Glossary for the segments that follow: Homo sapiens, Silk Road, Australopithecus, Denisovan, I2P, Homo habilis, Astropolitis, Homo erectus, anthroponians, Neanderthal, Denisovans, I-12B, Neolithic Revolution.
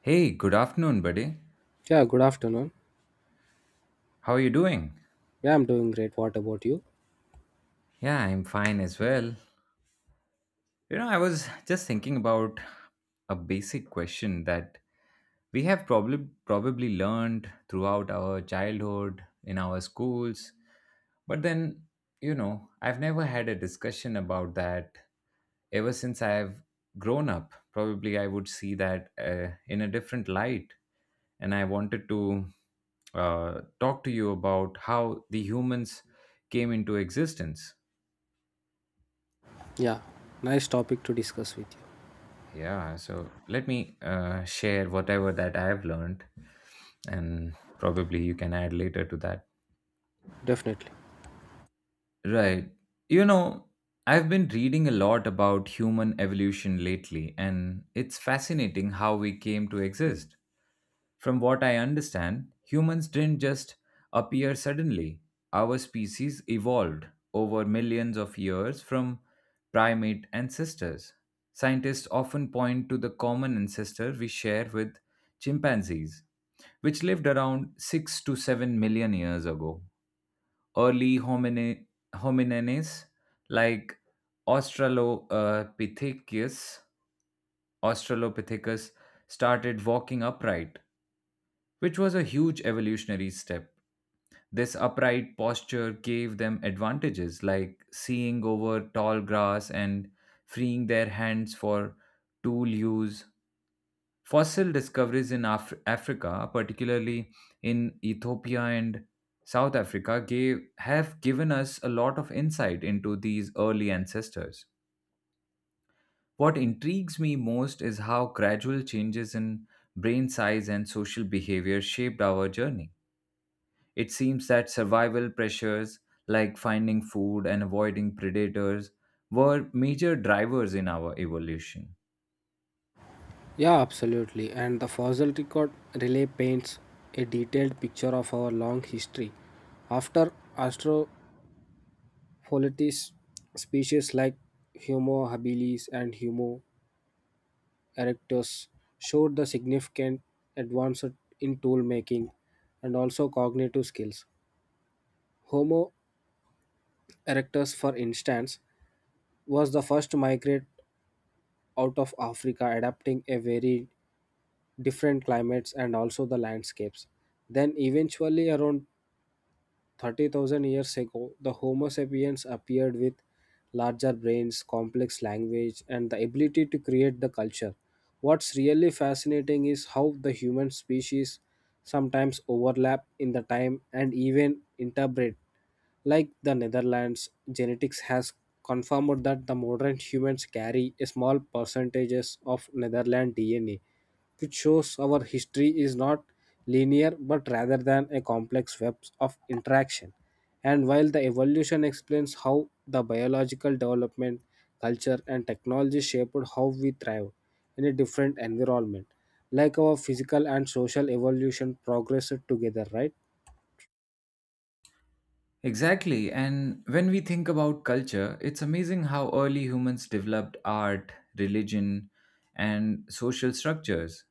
Hey, good afternoon, buddy. Yeah, good afternoon. How are you doing? Yeah, I'm doing great. What about you? Yeah, I'm fine as well. You know, I was just thinking about a basic question that we have probably learned throughout our childhood in our schools, but then, you know, I've never had a discussion about that ever since I've grown up. Probably I would see that in a different light. And I wanted to talk to you about how the humans came into existence. Yeah, nice topic to discuss with you. Yeah, so let me share whatever that I've learned, and probably you can add later to that. Definitely. Right. You know, I've been reading a lot about human evolution lately, and it's fascinating how we came to exist. From what I understand, humans didn't just appear suddenly. Our species evolved over millions of years from primate ancestors. Scientists often point to the common ancestor we share with chimpanzees, which lived around 6 to 7 million years ago. Early hominines like Australopithecus, Australopithecus started walking upright, which was a huge evolutionary step. This upright posture gave them advantages like seeing over tall grass and freeing their hands for tool use. Fossil discoveries in Africa, particularly in Ethiopia and South Africa, have given us a lot of insight into these early ancestors. What intrigues me most is how gradual changes in brain size and social behavior shaped our journey. It seems that survival pressures like finding food and avoiding predators were major drivers in our evolution. Yeah, absolutely. And the fossil record relay paints a detailed picture of our long history. After Astropolitis, species like Homo habilis and Homo erectus showed the significant advance in tool making and also cognitive skills. Homo erectus, for instance, was the first to migrate out of Africa, adapting a very different climates and also the landscapes. Then eventually around 30,000 years ago, the Homo sapiens appeared with larger brains, complex language, and the ability to create the culture. What's really fascinating is how the human species sometimes overlap in the time and even interbreed. Like the Netherlands, genetics has confirmed that the modern humans carry a small percentages of Netherland DNA, which shows our history is not linear but rather than a complex web of interaction. And while the evolution explains how the biological development, culture, and technology shaped how we thrive in a different environment, like our physical and social evolution progressed together, right? Exactly, and when we think about culture, it's amazing how early humans developed art, religion, and social structures.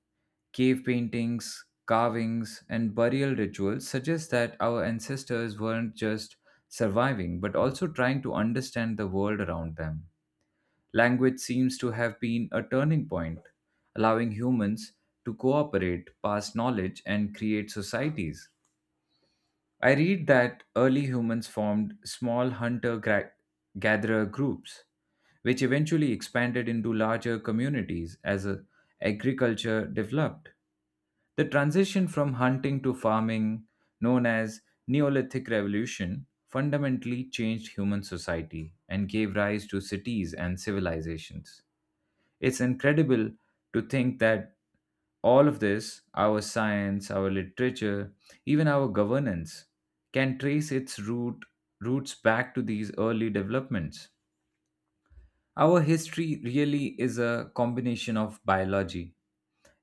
Cave paintings, carvings, and burial rituals suggest that our ancestors weren't just surviving but also trying to understand the world around them. Language seems to have been a turning point, allowing humans to cooperate, pass knowledge, and create societies. I read that early humans formed small gatherer groups, which eventually expanded into larger communities as agriculture developed. The transition from hunting to farming, known as Neolithic Revolution, fundamentally changed human society and gave rise to cities and civilizations. It's incredible to think that all of this, our science, our literature, even our governance, can trace its roots back to these early developments. Our history really is a combination of biology,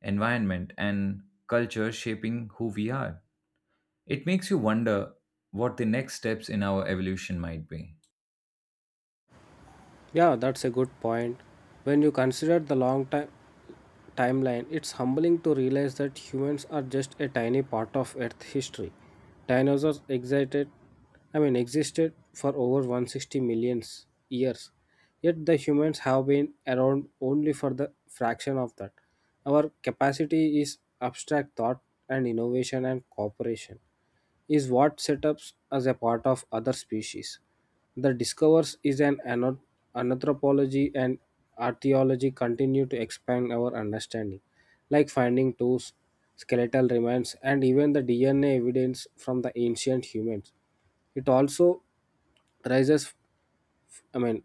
environment, and culture shaping who we are. It makes you wonder what the next steps in our evolution might be. Yeah, that's a good point. When you consider the long time timeline, it's humbling to realize that humans are just a tiny part of Earth history. Dinosaurs existed, I mean, existed for over 160 million years, yet the humans have been around only for the fraction of that. Our capacity is abstract thought and innovation and cooperation is what set us as a part of other species. The discovers is anthropology and archaeology continue to expand our understanding, like finding tools, skeletal remains, and even the DNA evidence from the ancient humans. It also raises, I mean,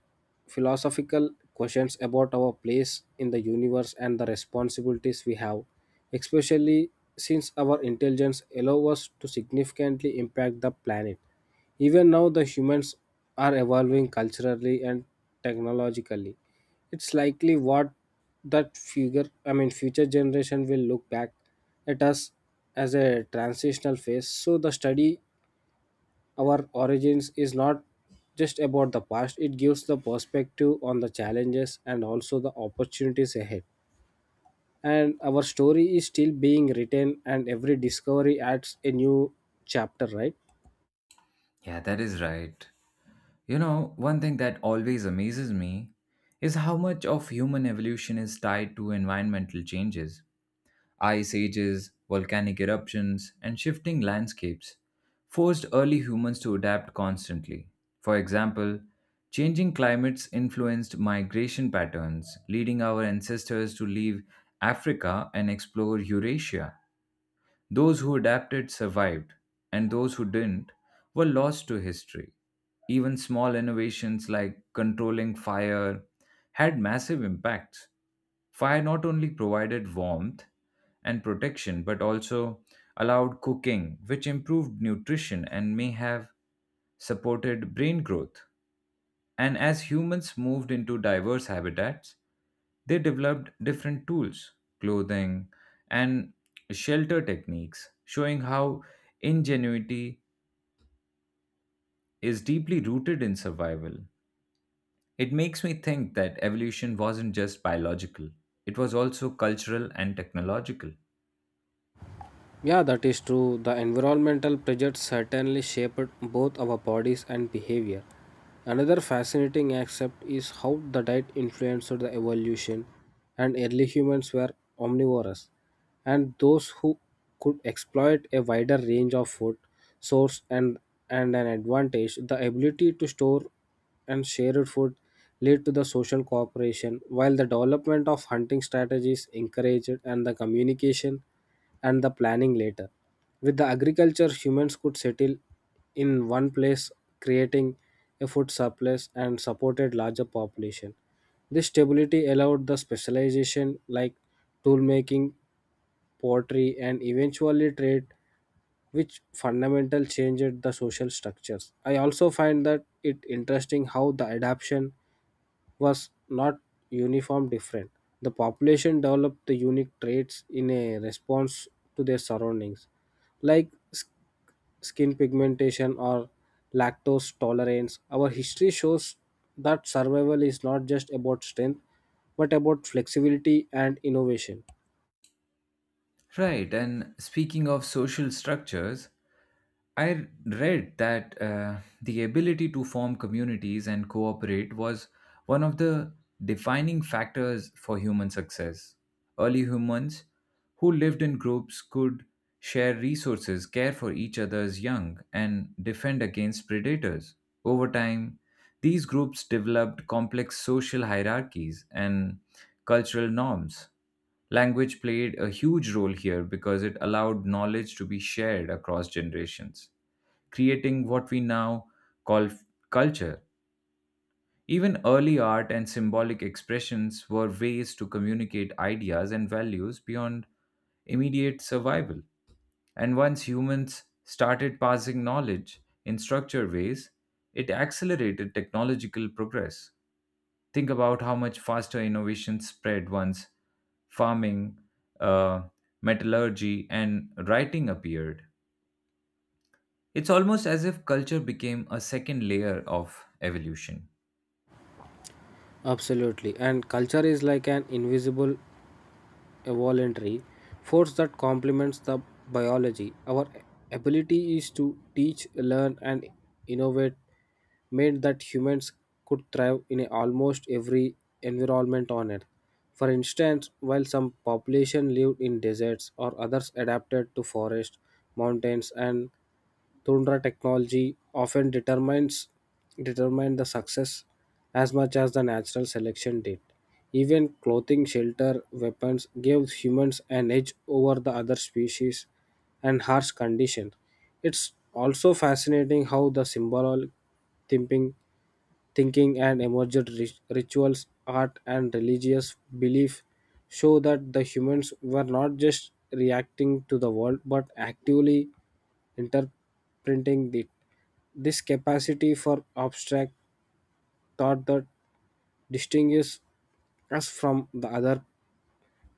philosophical questions about our place in the universe and the responsibilities we have, especially since our intelligence allows us to significantly impact the planet. Even now, the humans are evolving culturally and technologically. It's likely what that I mean, future generation will look back at us as a transitional phase. So the study our origins is not just about the past. It gives the perspective on the challenges and also the opportunities ahead, and our story is still being written, and every discovery adds a new chapter, right? Yeah, that is right. You know, one thing that always amazes me is how much of human evolution is tied to environmental changes. Ice ages, volcanic eruptions, and shifting landscapes forced early humans to adapt constantly. For example, changing climates influenced migration patterns, leading our ancestors to leave Africa and explore Eurasia. Those who adapted survived, and those who didn't were lost to history. Even small innovations like controlling fire had massive impacts. Fire not only provided warmth and protection, but also allowed cooking, which improved nutrition and may have supported brain growth. And as humans moved into diverse habitats, they developed different tools, clothing, and shelter techniques, showing how ingenuity is deeply rooted in survival. It makes me think that evolution wasn't just biological, it was also cultural and technological. Yeah, that is true. The environmental pressures certainly shaped both our bodies and behavior. Another fascinating aspect is how the diet influenced the evolution, and early humans were omnivorous, and those who could exploit a wider range of food source and an advantage, the ability to store and share food led to the social cooperation, while the development of hunting strategies encouraged and the communication and the planning later. With the agriculture, humans could settle in one place, creating a food surplus and supported larger population. This stability allowed the specialization like tool making pottery, and eventually trade, which fundamental changed the social structures. I also find that it interesting how the adaptation was not uniform different. The population developed the unique traits in a response to their surroundings, like skin pigmentation or lactose tolerance. Our history shows that survival is not just about strength, but about flexibility and innovation. Right, and speaking of social structures, I read that the ability to form communities and cooperate was one of the defining factors for human success. Early humans who lived in groups could share resources, care for each other's young, and defend against predators. Over time, these groups developed complex social hierarchies and cultural norms. Language played a huge role here because it allowed knowledge to be shared across generations, creating what we now call f- culture. Even early art and symbolic expressions were ways to communicate ideas and values beyond immediate survival. And once humans started passing knowledge in structured ways, it accelerated technological progress. Think about how much faster innovation spread once farming, uh, metallurgy, and writing appeared. It's almost as if culture became a second layer of evolution. Absolutely. And culture is like an invisible, evolutionary force that complements the biology. Our ability is to teach, learn, and innovate made that humans could thrive in almost every environment on Earth. For instance, while some population lived in deserts or others adapted to forests, mountains, and Tundra technology often determines determined the success as much as the natural selection did. Even clothing, shelter, weapons gave humans an edge over the other species and harsh condition. It's also fascinating how the symbolic thinking thinking and emergent rituals, art, and religious belief show that the humans were not just reacting to the world but actively interpreting it. This capacity for abstract thought that distinguishes us from the other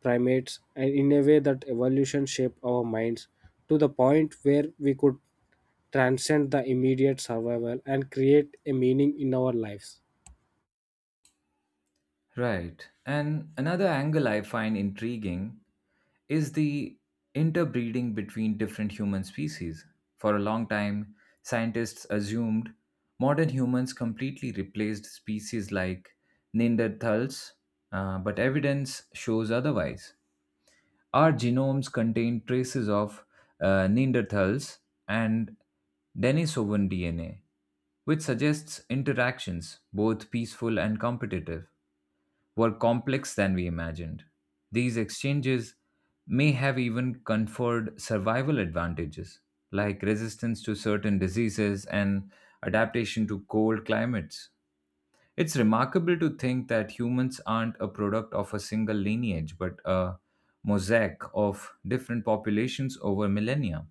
primates and in a way that evolution shaped our minds to the point where we could transcend the immediate survival and create a meaning in our lives. Right. And another angle I find intriguing is the interbreeding between different human species. For a long time, scientists assumed modern humans completely replaced species like Neanderthals, but evidence shows otherwise. Our genomes contain traces of Neanderthals and Denisovan DNA, which suggests interactions, both peaceful and competitive, were complex than we imagined. These exchanges may have even conferred survival advantages, like resistance to certain diseases and adaptation to cold climates. It's remarkable to think that humans aren't a product of a single lineage, but a mosaic of different populations over millennia.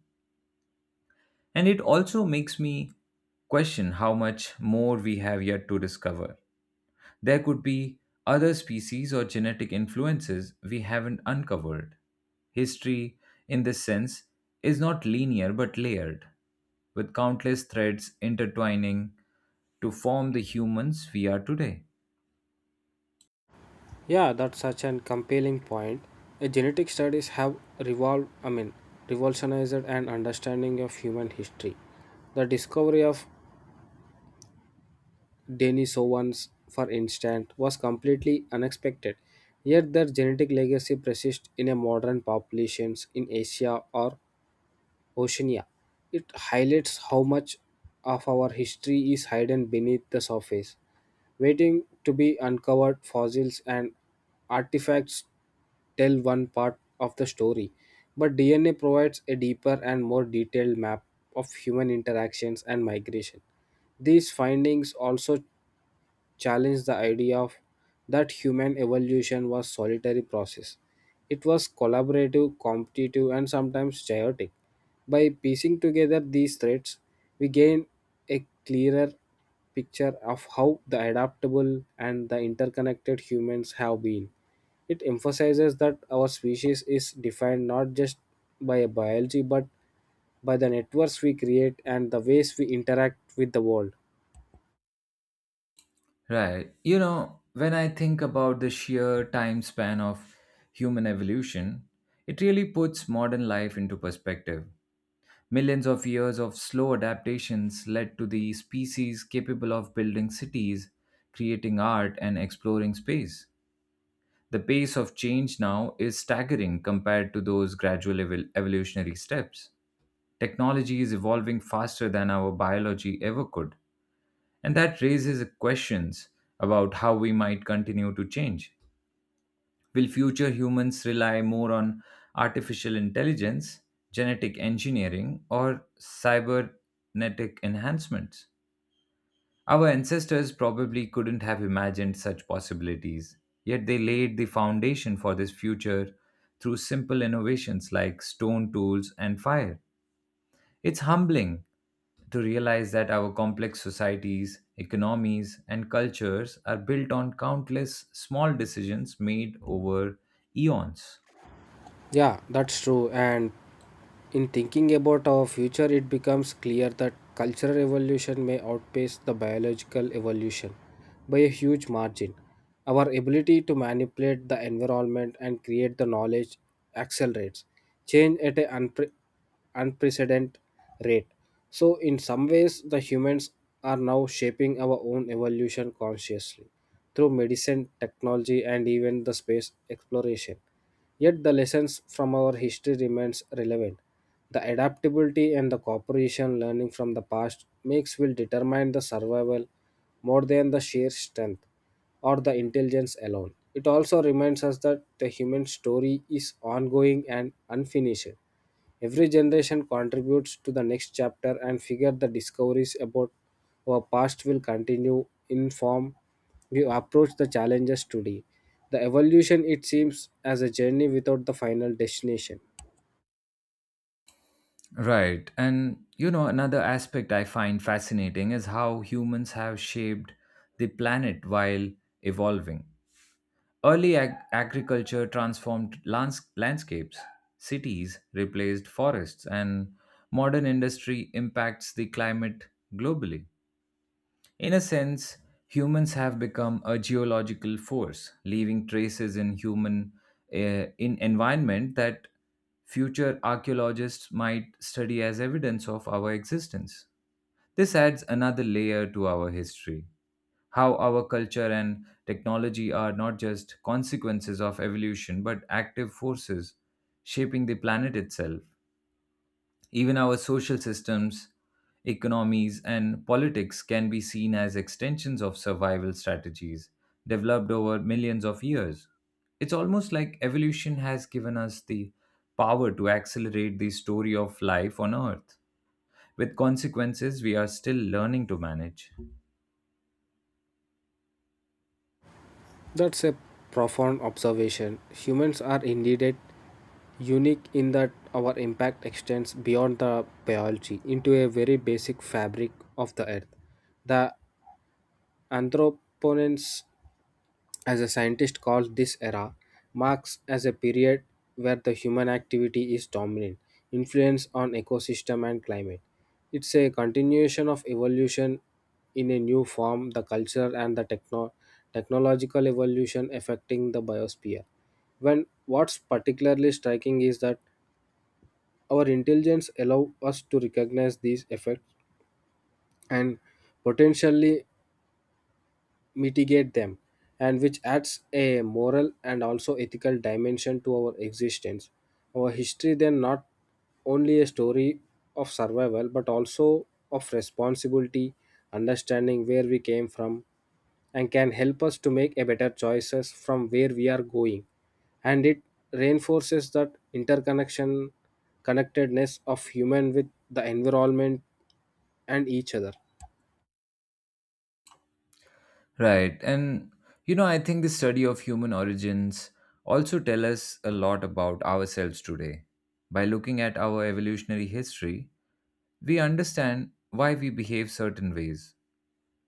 And it also makes me question how much more we have yet to discover. There could be other species or genetic influences we haven't uncovered. History, in this sense, is not linear but layered, with countless threads intertwining to form the humans we are today. Yeah, that's such an compelling point. Genetic studies have I mean, revolutionized an understanding of human history. The discovery of Denisovans, for instance, was completely unexpected, yet their genetic legacy persists in a modern populations in Asia or Oceania. It highlights how much of our history is hidden beneath the surface, waiting to be uncovered. Fossils and artifacts tell one part of the story, but DNA provides a deeper and more detailed map of human interactions and migration. These findings also challenged the idea of that human evolution was solitary process. It was collaborative, competitive, and sometimes chaotic. By piecing together these threads, we gain a clearer picture of how the adaptable and the interconnected humans have been. It emphasizes that our species is defined not just by a biology but by the networks we create and the ways we interact with the world. Right. You know, when I think about the sheer time span of human evolution, it really puts modern life into perspective. Millions of years of slow adaptations led to the species capable of building cities, creating art, and exploring space. The pace of change now is staggering compared to those gradual evolutionary steps. Technology is evolving faster than our biology ever could, and that raises questions about how we might continue to change. Will future humans rely more on artificial intelligence, genetic engineering, or cybernetic enhancements? Our ancestors probably couldn't have imagined such possibilities, yet they laid the foundation for this future through simple innovations like stone tools and fire. It's humbling to realize that our complex societies, economies, and cultures are built on countless small decisions made over eons. Yeah, that's true. And in thinking about our future, it becomes clear that cultural evolution may outpace the biological evolution by a huge margin. Our ability to manipulate the environment and create the knowledge accelerates. Change at an unprecedented rate. So, in some ways, the humans are now shaping our own evolution consciously through medicine, technology, and even the space exploration. Yet, the lessons from our history remains relevant. The adaptability and the cooperation learning from the past makes will determine the survival more than the sheer strength or the intelligence alone. It also reminds us that the human story is ongoing and unfinished. Every generation contributes to the next chapter and figure the discoveries about our past will continue in form we approach the challenges today. The evolution it seems as a journey without the final destination. Right. And you know, another aspect I find fascinating is how humans have shaped the planet while evolving. Early agriculture transformed landscapes, cities replaced forests, and modern industry impacts the climate globally. In a sense, humans have become a geological force, leaving traces in human in environment that future archaeologists might study as evidence of our existence. This adds another layer to our history. How our culture and technology are not just consequences of evolution but active forces shaping the planet itself. Even our social systems, economies, and politics can be seen as extensions of survival strategies developed over millions of years. It's almost like evolution has given us the power to accelerate the story of life on Earth, with consequences we are still learning to manage. That's a profound observation. Humans are indeed unique in that our impact extends beyond the biology into a very basic fabric of the earth. The anthroponians as a scientist calls this era, marks as a period where the human activity is dominant, influence on ecosystem and climate. It's a continuation of evolution in a new form, the culture and the technological evolution affecting the biosphere. When what's particularly striking is that our intelligence allow us to recognize these effects and potentially mitigate them, and which adds a moral and also ethical dimension to our existence. Our history then not only a story of survival but also of responsibility, understanding where we came from, and can help us to make a better choices from where we are going. And it reinforces that interconnection connectedness of human with the environment and each other. Right. And you know, I think the study of human origins also tell us a lot about ourselves today. By looking at our evolutionary history, we understand why we behave certain ways,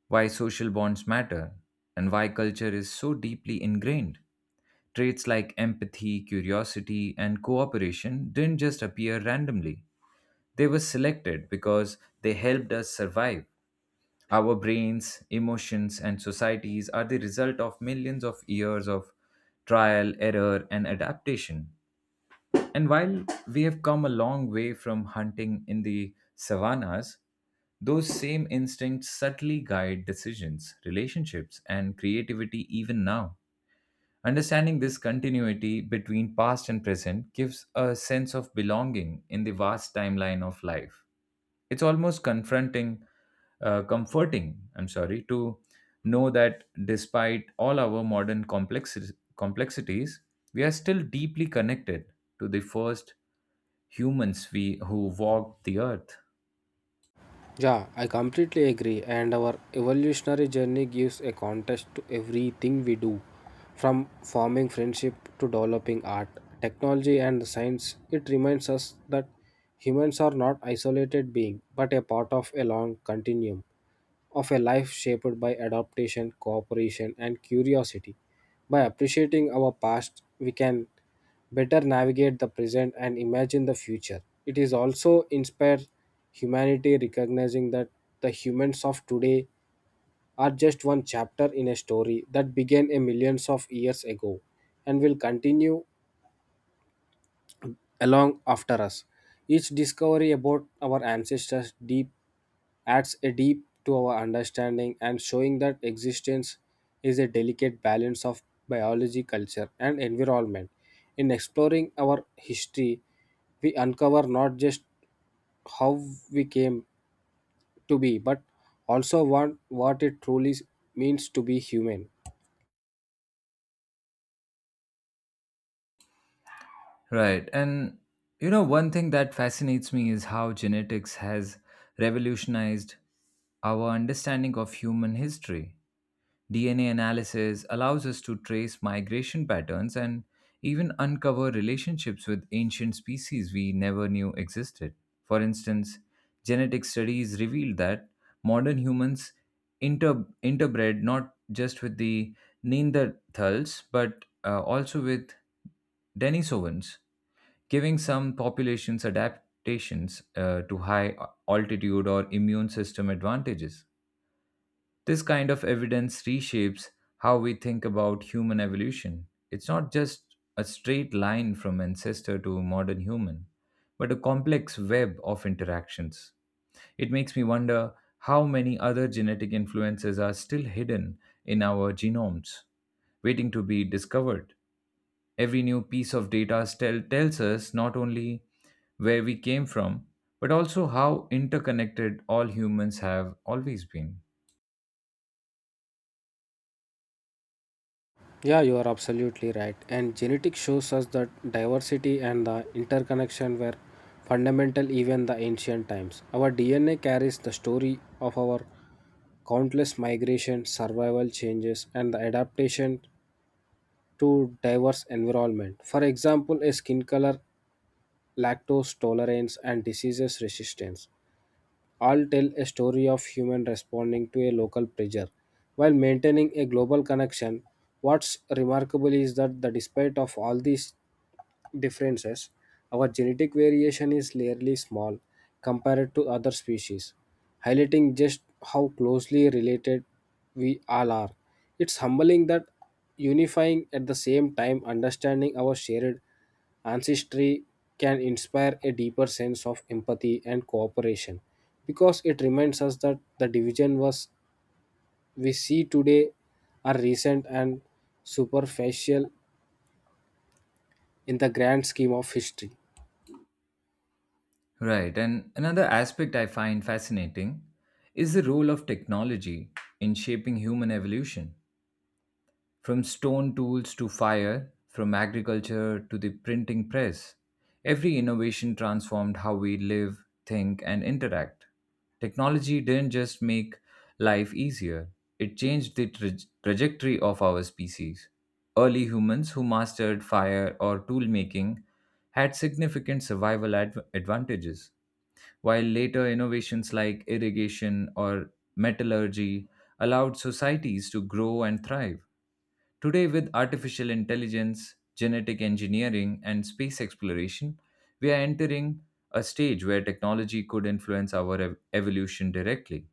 why social bonds matter, and why culture is so deeply ingrained. Traits like empathy, curiosity, and cooperation didn't just appear randomly. They were selected because they helped us survive. Our brains, emotions, and societies are the result of millions of years of trial, error, and adaptation. And while we have come a long way from hunting in the savannas, those same instincts subtly guide decisions, relationships, and creativity even now. Understanding this continuity between past and present gives a sense of belonging in the vast timeline of life. It's almost comforting, I'm sorry, to know that despite all our modern complexities, we are still deeply connected to the first humans we who walked the earth. Yeah, I completely agree. And our evolutionary journey gives a context to everything we do, from forming friendship to developing art, technology, and science. It reminds us that humans are not isolated beings, but a part of a long continuum of a life shaped by adaptation, cooperation, and curiosity. By appreciating our past, we can better navigate the present and imagine the future. It is also inspire humanity recognizing that the humans of today are just one chapter in a story that began a millions of years ago and will continue along after us. Each discovery about our ancestors deep adds a deep to our understanding and showing that existence is a delicate balance of biology, culture, and environment. In exploring our history, we uncover not just how we came to be, but also what it truly means to be human. Right. And you know, one thing that fascinates me is how genetics has revolutionized our understanding of human history. DNA analysis allows us to trace migration patterns and even uncover relationships with ancient species we never knew existed. For instance, genetic studies revealed that modern humans interbred not just with the Neanderthals but also with Denisovans, giving some populations adaptations to high altitude or immune system advantages. This kind of evidence reshapes how we think about human evolution. It's not just a straight line from ancestor to modern human, but a complex web of interactions. It makes me wonder how many other genetic influences are still hidden in our genomes, waiting to be discovered. Every new piece of data tells us not only where we came from, but also how interconnected all humans have always been. Yeah, you are absolutely right. And genetics shows us that diversity and the interconnection were fundamental even the ancient times. Our DNA carries the story of our countless migration, survival changes, and the adaptation to diverse environment. For example, a skin color, lactose tolerance, and diseases resistance all tell a story of human responding to a local pressure while maintaining a global connection. What's remarkable is that the despite of all these differences, our genetic variation is rarely small compared to other species, highlighting just how closely related we all are. It's humbling that unifying at the same time understanding our shared ancestry can inspire a deeper sense of empathy and cooperation because it reminds us that the division was we see today are recent and superficial in the grand scheme of history. Right. And another aspect I find fascinating is the role of technology in shaping human evolution. From stone tools to fire, from agriculture to the printing press, every innovation transformed how we live, think, and interact. Technology didn't just make life easier, it changed the trajectory of our species. Early humans who mastered fire or tool making had significant survival advantages, while later innovations like irrigation or metallurgy allowed societies to grow and thrive. Today, with artificial intelligence, genetic engineering, and space exploration, we are entering a stage where technology could influence our evolution directly.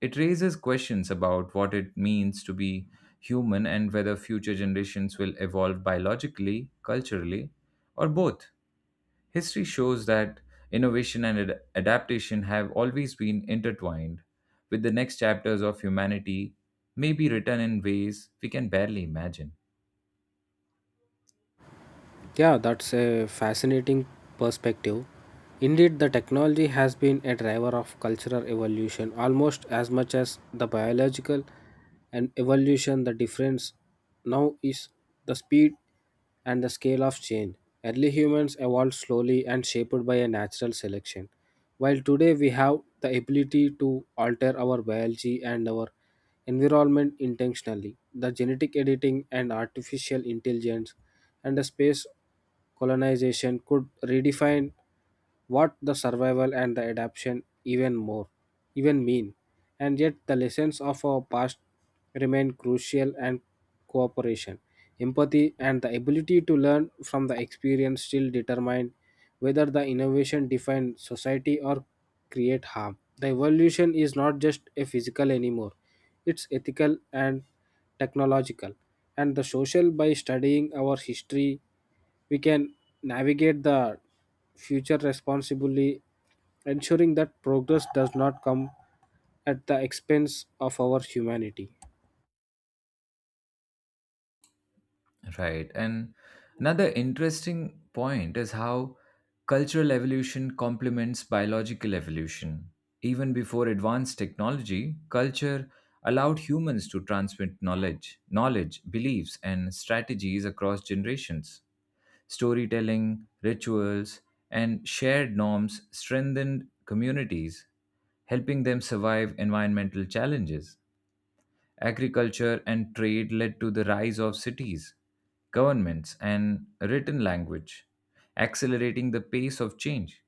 It raises questions about what it means to be human and whether future generations will evolve biologically, culturally, or both. History shows that innovation and adaptation have always been intertwined, with the next chapters of humanity may be written in ways we can barely imagine. Yeah, that's a fascinating perspective. Indeed, the technology has been a driver of cultural evolution almost as much as the biological and evolution. The difference now is the speed and the scale of change. Early humans evolved slowly and shaped by a natural selection, while today we have the ability to alter our biology and our environment intentionally. The genetic editing and artificial intelligence and the space colonization could redefine what the survival and the adaptation even more even mean, and yet the lessons of our past remain crucial, and cooperation empathy and the ability to learn from the experience still determine whether the innovation defines society or create harm. The evolution is not just a physical anymore, it's ethical and technological, and the social. By studying our history, we can navigate the future responsibly, ensuring that progress does not come at the expense of our humanity. Right. And another interesting point is how cultural evolution complements biological evolution. Even before advanced technology, culture allowed humans to transmit knowledge, beliefs, and strategies across generations. Storytelling, rituals, and shared norms strengthened communities, helping them survive environmental challenges. Agriculture and trade led to the rise of cities, governments, and written language, accelerating the pace of change.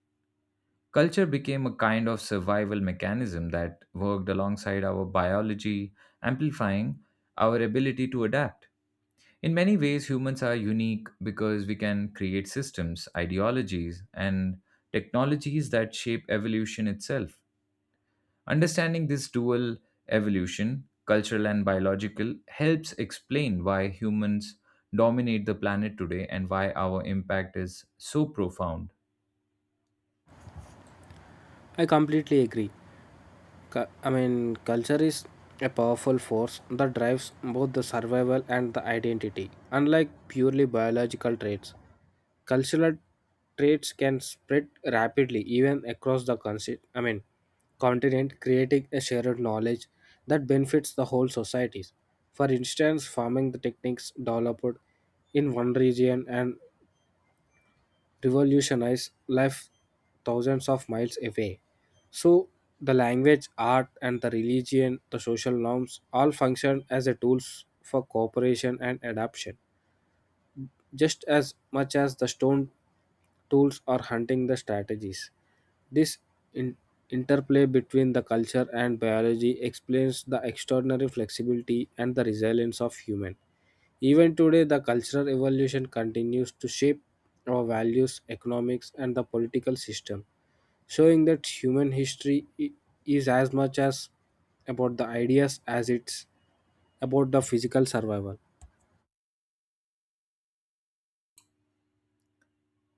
Culture became a kind of survival mechanism that worked alongside our biology, amplifying our ability to adapt. In many ways, humans are unique because we can create systems, ideologies, and technologies that shape evolution itself. Understanding this dual evolution, cultural and biological, helps explain why humans dominate the planet today and why our impact is so profound. I completely agree. I mean, culture is a powerful force that drives both the survival and the identity. Unlike purely biological traits, cultural traits can spread rapidly even across the I mean, continent, creating a shared knowledge that benefits the whole societies. For instance, farming techniques developed in one region and revolutionize life thousands of miles away. So the language, art, and the religion, the social norms all function as a tools for cooperation and adaptation, just as much as the stone tools or hunting the strategies. This in- interplay between the culture and biology explains the extraordinary flexibility and the resilience of human. Even today, the cultural evolution continues to shape our values, economics, and the political system, showing that human history is as much as about the ideas as it's about the physical survival.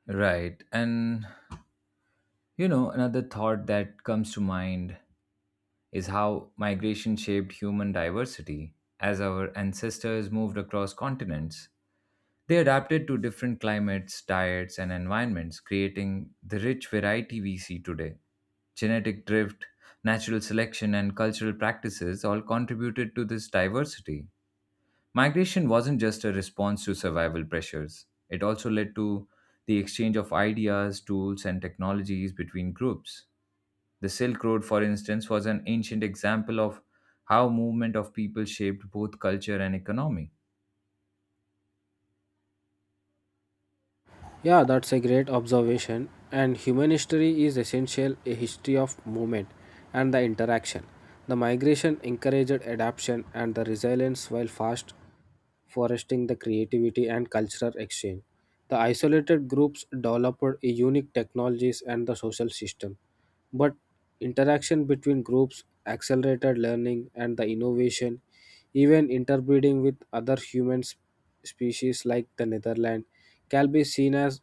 Right. And, you know, another thought that comes to mind is how migration shaped human diversity. As our ancestors moved across continents, they adapted to different climates, diets, and environments, creating the rich variety we see today. Genetic drift, natural selection, and cultural practices all contributed to this diversity. Migration wasn't just a response to survival pressures, it also led to the exchange of ideas, tools, and technologies between groups. The Silk Road, for instance, was an ancient example of how movement of people shaped both culture and economy. Yeah, that's a great observation. And human history is essential a history of movement and the interaction. The migration encouraged adaptation and the resilience while fast fostering the creativity and cultural exchange. The isolated groups developed a unique technologies and the social system. But interaction between groups accelerated learning and the innovation, even interbreeding with other human species like the Netherlands, can be seen as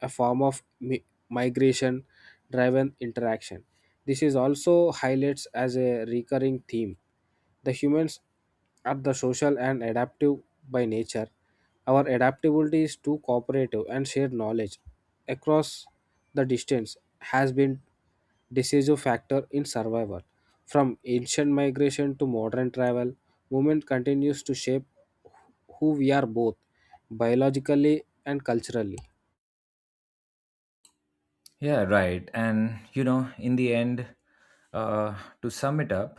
a form of migration driven interaction. This is also highlights as a recurring theme. The humans are the social and adaptive by nature. Our adaptability is too cooperative and shared knowledge across the distance has been decisive factor in survival. From ancient migration to modern travel, movement continues to shape who we are both biologically and culturally. Yeah, right. And you know, in the end, to sum it up,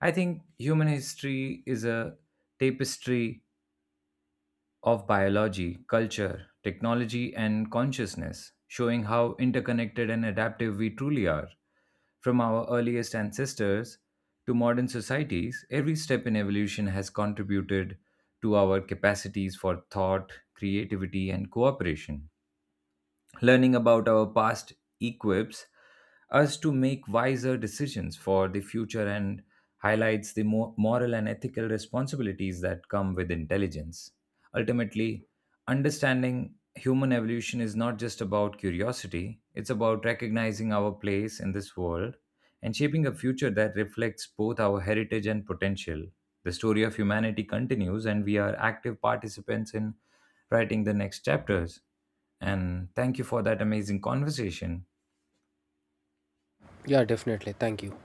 I think human history is a tapestry of biology, culture, technology, and consciousness, showing how interconnected and adaptive we truly are. From our earliest ancestors to modern societies, every step in evolution has contributed to our capacities for thought, creativity, and cooperation. Learning about our past equips us to make wiser decisions for the future and highlights the moral and ethical responsibilities that come with intelligence. Ultimately, understanding human evolution is not just about curiosity, it's about recognizing our place in this world and shaping a future that reflects both our heritage and potential. The story of humanity continues, and we are active participants in writing the next chapters. And thank you for that amazing conversation. Yeah, definitely. Thank you.